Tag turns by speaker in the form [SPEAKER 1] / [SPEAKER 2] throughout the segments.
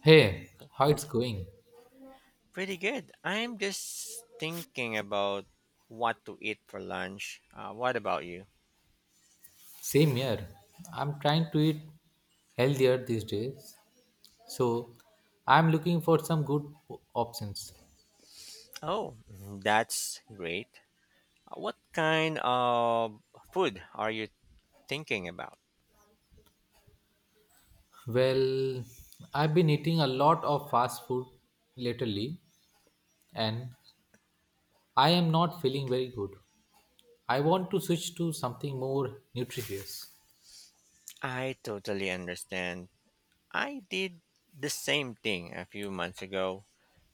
[SPEAKER 1] Hey, how it's going?
[SPEAKER 2] Pretty good. I'm just thinking about what to eat for lunch. What about you?
[SPEAKER 1] Same here. I'm trying to eat healthier these days. So, I'm looking for some good options.
[SPEAKER 2] Oh, that's great. What kind of food are you thinking about?
[SPEAKER 1] Well, I've been eating a lot of fast food lately and I am not feeling very good. I want to switch to something more nutritious.
[SPEAKER 2] I totally understand. I did the same thing a few months ago.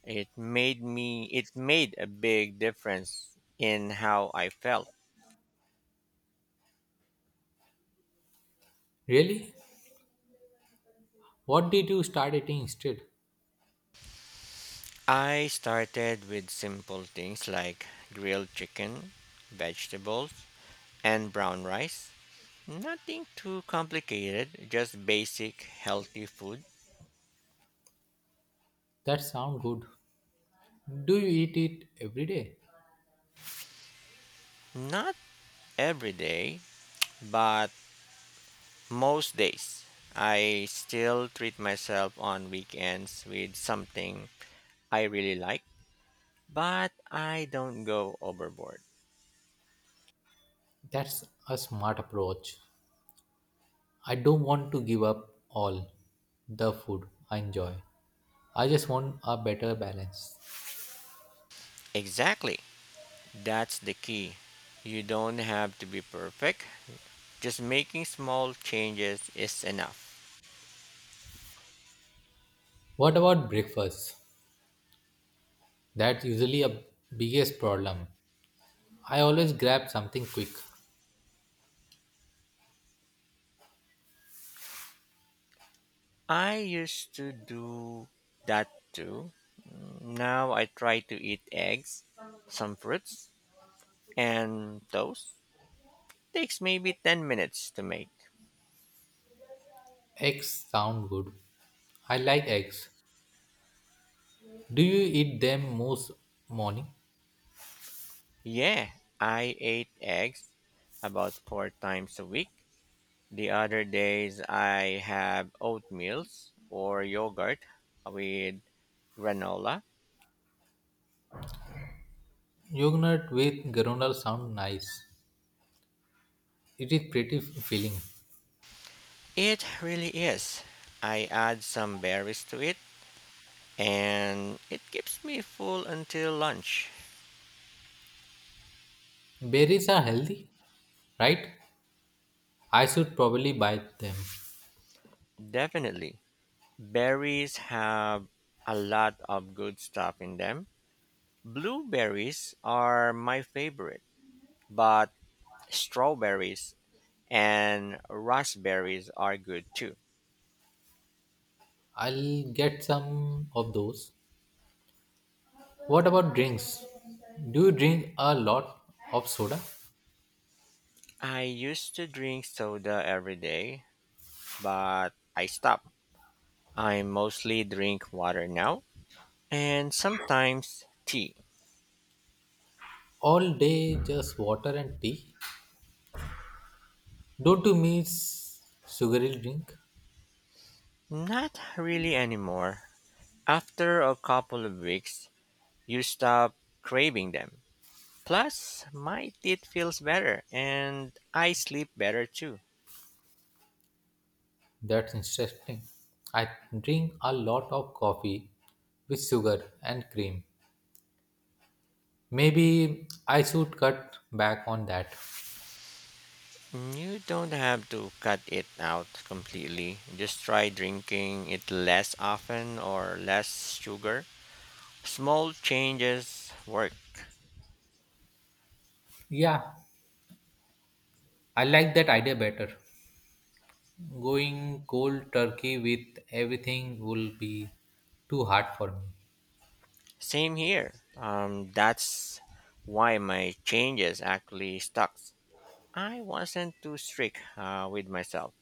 [SPEAKER 2] It made a big difference in how I felt.
[SPEAKER 1] Really? What did you start eating instead?
[SPEAKER 2] I started with simple things like grilled chicken, vegetables, and brown rice. Nothing too complicated, just basic healthy food.
[SPEAKER 1] That sound good. Do you eat it every day?
[SPEAKER 2] Not every day, but most days. I still treat myself on weekends with something I really like, but I don't go overboard.
[SPEAKER 1] That's a smart approach. I don't want to give up all the food I enjoy. I just want a better balance.
[SPEAKER 2] Exactly. That's the key. You don't have to be perfect. Just making small changes is enough.
[SPEAKER 1] What about breakfast? That's usually a biggest problem. I always grab something quick.
[SPEAKER 2] I used to do that too. Now I try to eat eggs, some fruits, and toast. Takes maybe 10 minutes to make.
[SPEAKER 1] Eggs sound good. I like eggs. Do you eat them most morning?
[SPEAKER 2] Yeah, I ate eggs about 4 times a week. The other days I have oatmeals or yogurt with granola.
[SPEAKER 1] Yogurt with granola sound nice. It is pretty filling.
[SPEAKER 2] It really is. I add some berries to it and it keeps me full until lunch.
[SPEAKER 1] Berries are healthy, right? I should probably buy them.
[SPEAKER 2] Definitely. Berries have a lot of good stuff in them. Blueberries are my favorite, but strawberries and raspberries are good too.
[SPEAKER 1] I'll get some of those. What about drinks? Do you drink a lot of soda?
[SPEAKER 2] I used to drink soda every day, but I stopped. I mostly drink water now and sometimes tea.
[SPEAKER 1] All day, just water and tea? Don't you miss sugary drink?
[SPEAKER 2] Not really anymore. After a couple of weeks, you stop craving them. Plus, my teeth feels better and I sleep better too.
[SPEAKER 1] That's interesting. I drink a lot of coffee with sugar and cream. Maybe I should cut back on that.
[SPEAKER 2] You don't have to cut it out completely. Just try drinking it less often or less sugar. Small changes work.
[SPEAKER 1] Yeah, I like that idea better. Going cold turkey with everything will be too hard for me.
[SPEAKER 2] Same here. That's why my changes actually stuck. I wasn't too strict with myself.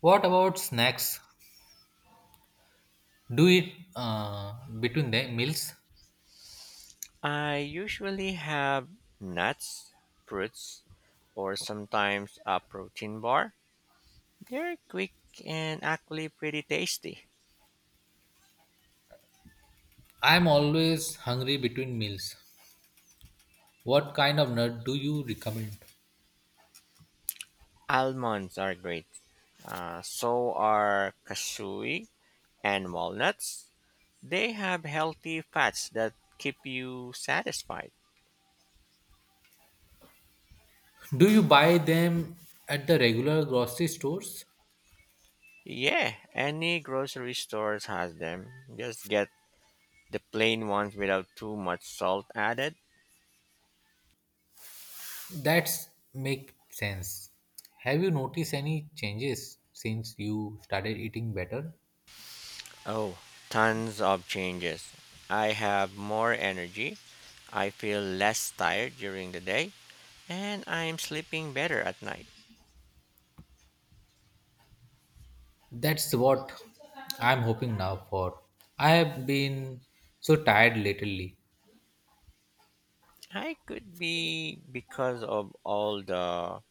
[SPEAKER 1] What about snacks? Do it between the meals.
[SPEAKER 2] I usually have nuts, fruits, or sometimes a protein bar. They're quick and actually pretty tasty.
[SPEAKER 1] I am always hungry between meals. What kind of nut do you recommend?
[SPEAKER 2] Almonds are great. So are cashew and walnuts. They have healthy fats that keep you satisfied.
[SPEAKER 1] Do you buy them at the regular grocery stores?
[SPEAKER 2] Yeah, any grocery stores has them. Just get the plain ones without too much salt added.
[SPEAKER 1] That's make sense. Have you noticed any changes since you started eating better?
[SPEAKER 2] Oh, tons of changes. I have more energy, I feel less tired during the day, and I'm sleeping better at night.
[SPEAKER 1] That's what I'm hoping now for. I have been so tired lately.
[SPEAKER 2] I could be because of all the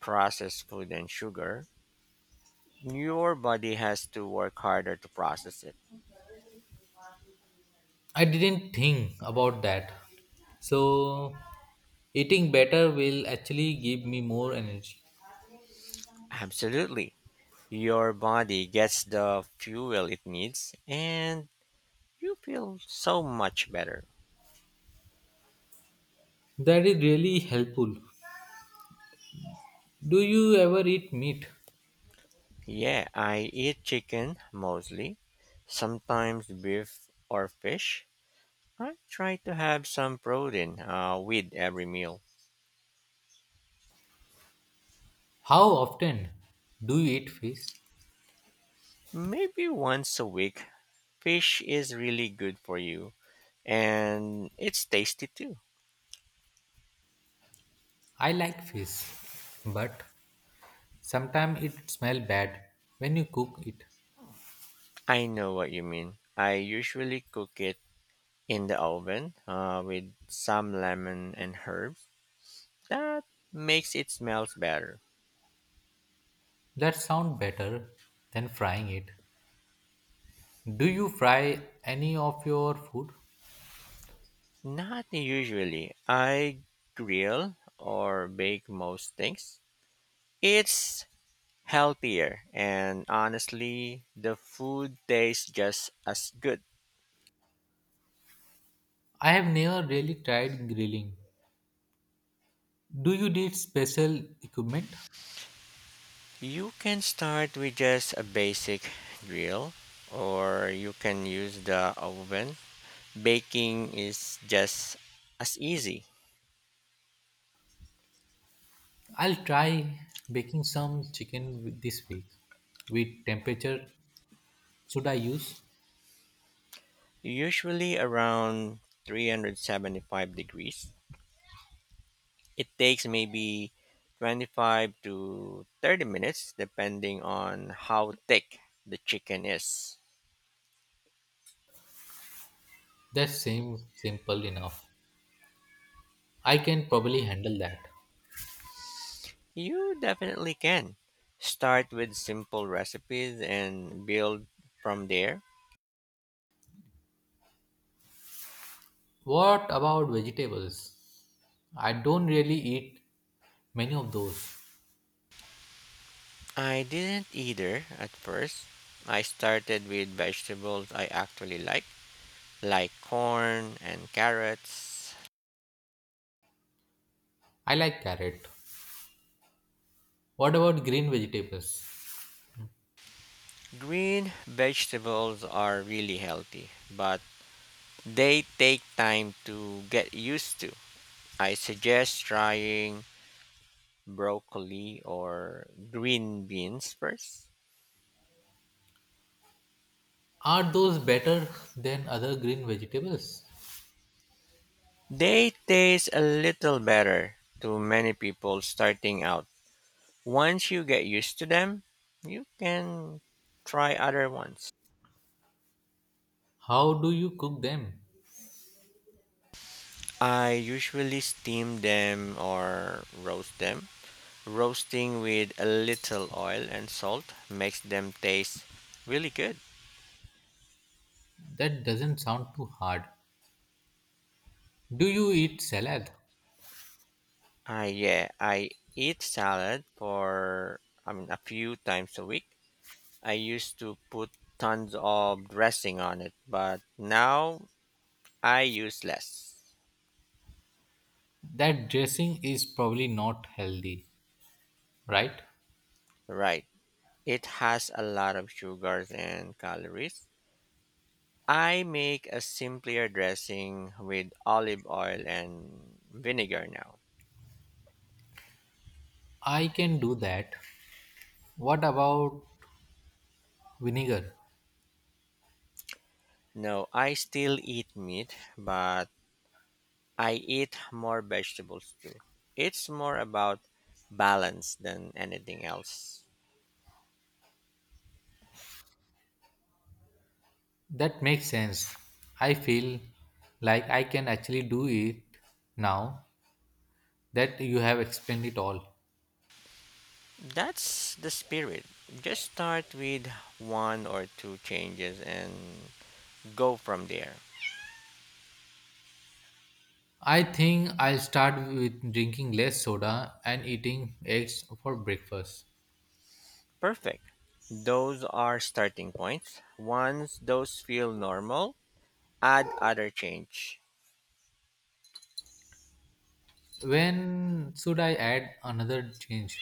[SPEAKER 2] processed food and sugar. Your body has to work harder to process it.
[SPEAKER 1] I didn't think about that. So eating better will actually give me more energy.
[SPEAKER 2] Absolutely. Your body gets the fuel it needs, and you feel so much better.
[SPEAKER 1] That is really helpful. Do you ever eat meat?
[SPEAKER 2] Yeah, I eat chicken mostly, sometimes beef or fish. I try to have some protein with every meal.
[SPEAKER 1] How often do you eat fish?
[SPEAKER 2] Maybe once a week. Fish is really good for you and it's tasty too.
[SPEAKER 1] I like fish, but sometimes it smells bad when you cook it.
[SPEAKER 2] I know what you mean. I usually cook it in the oven with some lemon and herbs. That makes it smells better.
[SPEAKER 1] That sounds better than frying it. Do you fry any of your food?
[SPEAKER 2] Not usually. I grill or bake most things. It's healthier, and honestly, the food tastes just as good.
[SPEAKER 1] I have never really tried grilling. Do you need special equipment?
[SPEAKER 2] You can start with just a basic grill, or you can use the oven. Baking is just as easy,
[SPEAKER 1] I'll try baking some this week. With temperature, should I use?
[SPEAKER 2] usually around 375 degrees. It takes maybe 25 to 30 minutes, depending on how thick the chicken is.
[SPEAKER 1] That same simple enough. I can probably handle that.
[SPEAKER 2] You definitely can. Start with simple recipes and build from there.
[SPEAKER 1] What about vegetables? I don't really eat many of those.
[SPEAKER 2] I didn't either at first. I started with vegetables I actually like corn and carrots.
[SPEAKER 1] I like carrot. What about green vegetables?
[SPEAKER 2] Green vegetables are really healthy, but they take time to get used to. I suggest trying broccoli or green beans first.
[SPEAKER 1] Are those better than other green vegetables?
[SPEAKER 2] They taste a little better to many people starting out. Once you get used to them, you can try other ones.
[SPEAKER 1] How do you cook them?
[SPEAKER 2] I usually steam them or roast them. Roasting with a little oil and salt makes them taste really good.
[SPEAKER 1] That doesn't sound too hard. Do you eat salad?
[SPEAKER 2] I yeah, I eat salad for I mean a few times a week. I used to put tons of dressing on it, but now I use less.
[SPEAKER 1] That dressing is probably not healthy, right?
[SPEAKER 2] Right. It has a lot of sugars and calories. I make a simpler dressing with olive oil and vinegar now.
[SPEAKER 1] I can do that. What about vinegar?
[SPEAKER 2] No, I still eat meat, but I eat more vegetables too. It's more about balance than anything else.
[SPEAKER 1] That makes sense. I feel like I can actually do it now that you have explained it all.
[SPEAKER 2] That's the spirit. Just start with one or two changes and go from there.
[SPEAKER 1] I think I'll start with drinking less soda and eating eggs for breakfast.
[SPEAKER 2] Perfect. Those are starting points. Once those feel normal, add other change.
[SPEAKER 1] When should I add another change?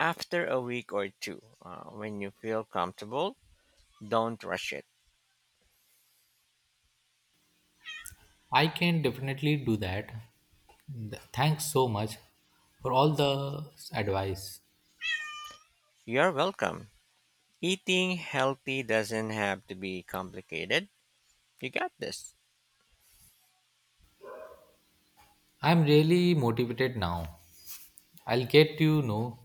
[SPEAKER 2] After a week or two, when you feel comfortable, don't rush it.
[SPEAKER 1] I can definitely do that. Thanks so much for all the advice.
[SPEAKER 2] You're welcome. Eating healthy doesn't have to be complicated. You got this.
[SPEAKER 1] I'm really motivated now. I'll get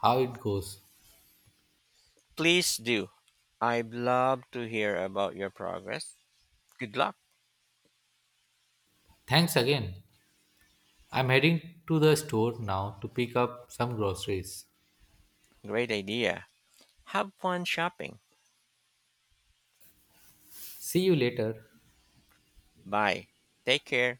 [SPEAKER 1] how it goes.
[SPEAKER 2] Please do. I'd love to hear about your progress. Good luck.
[SPEAKER 1] Thanks again. I'm heading to the store now to pick up some groceries.
[SPEAKER 2] Great idea. Have fun shopping.
[SPEAKER 1] See you later.
[SPEAKER 2] Bye. Take care.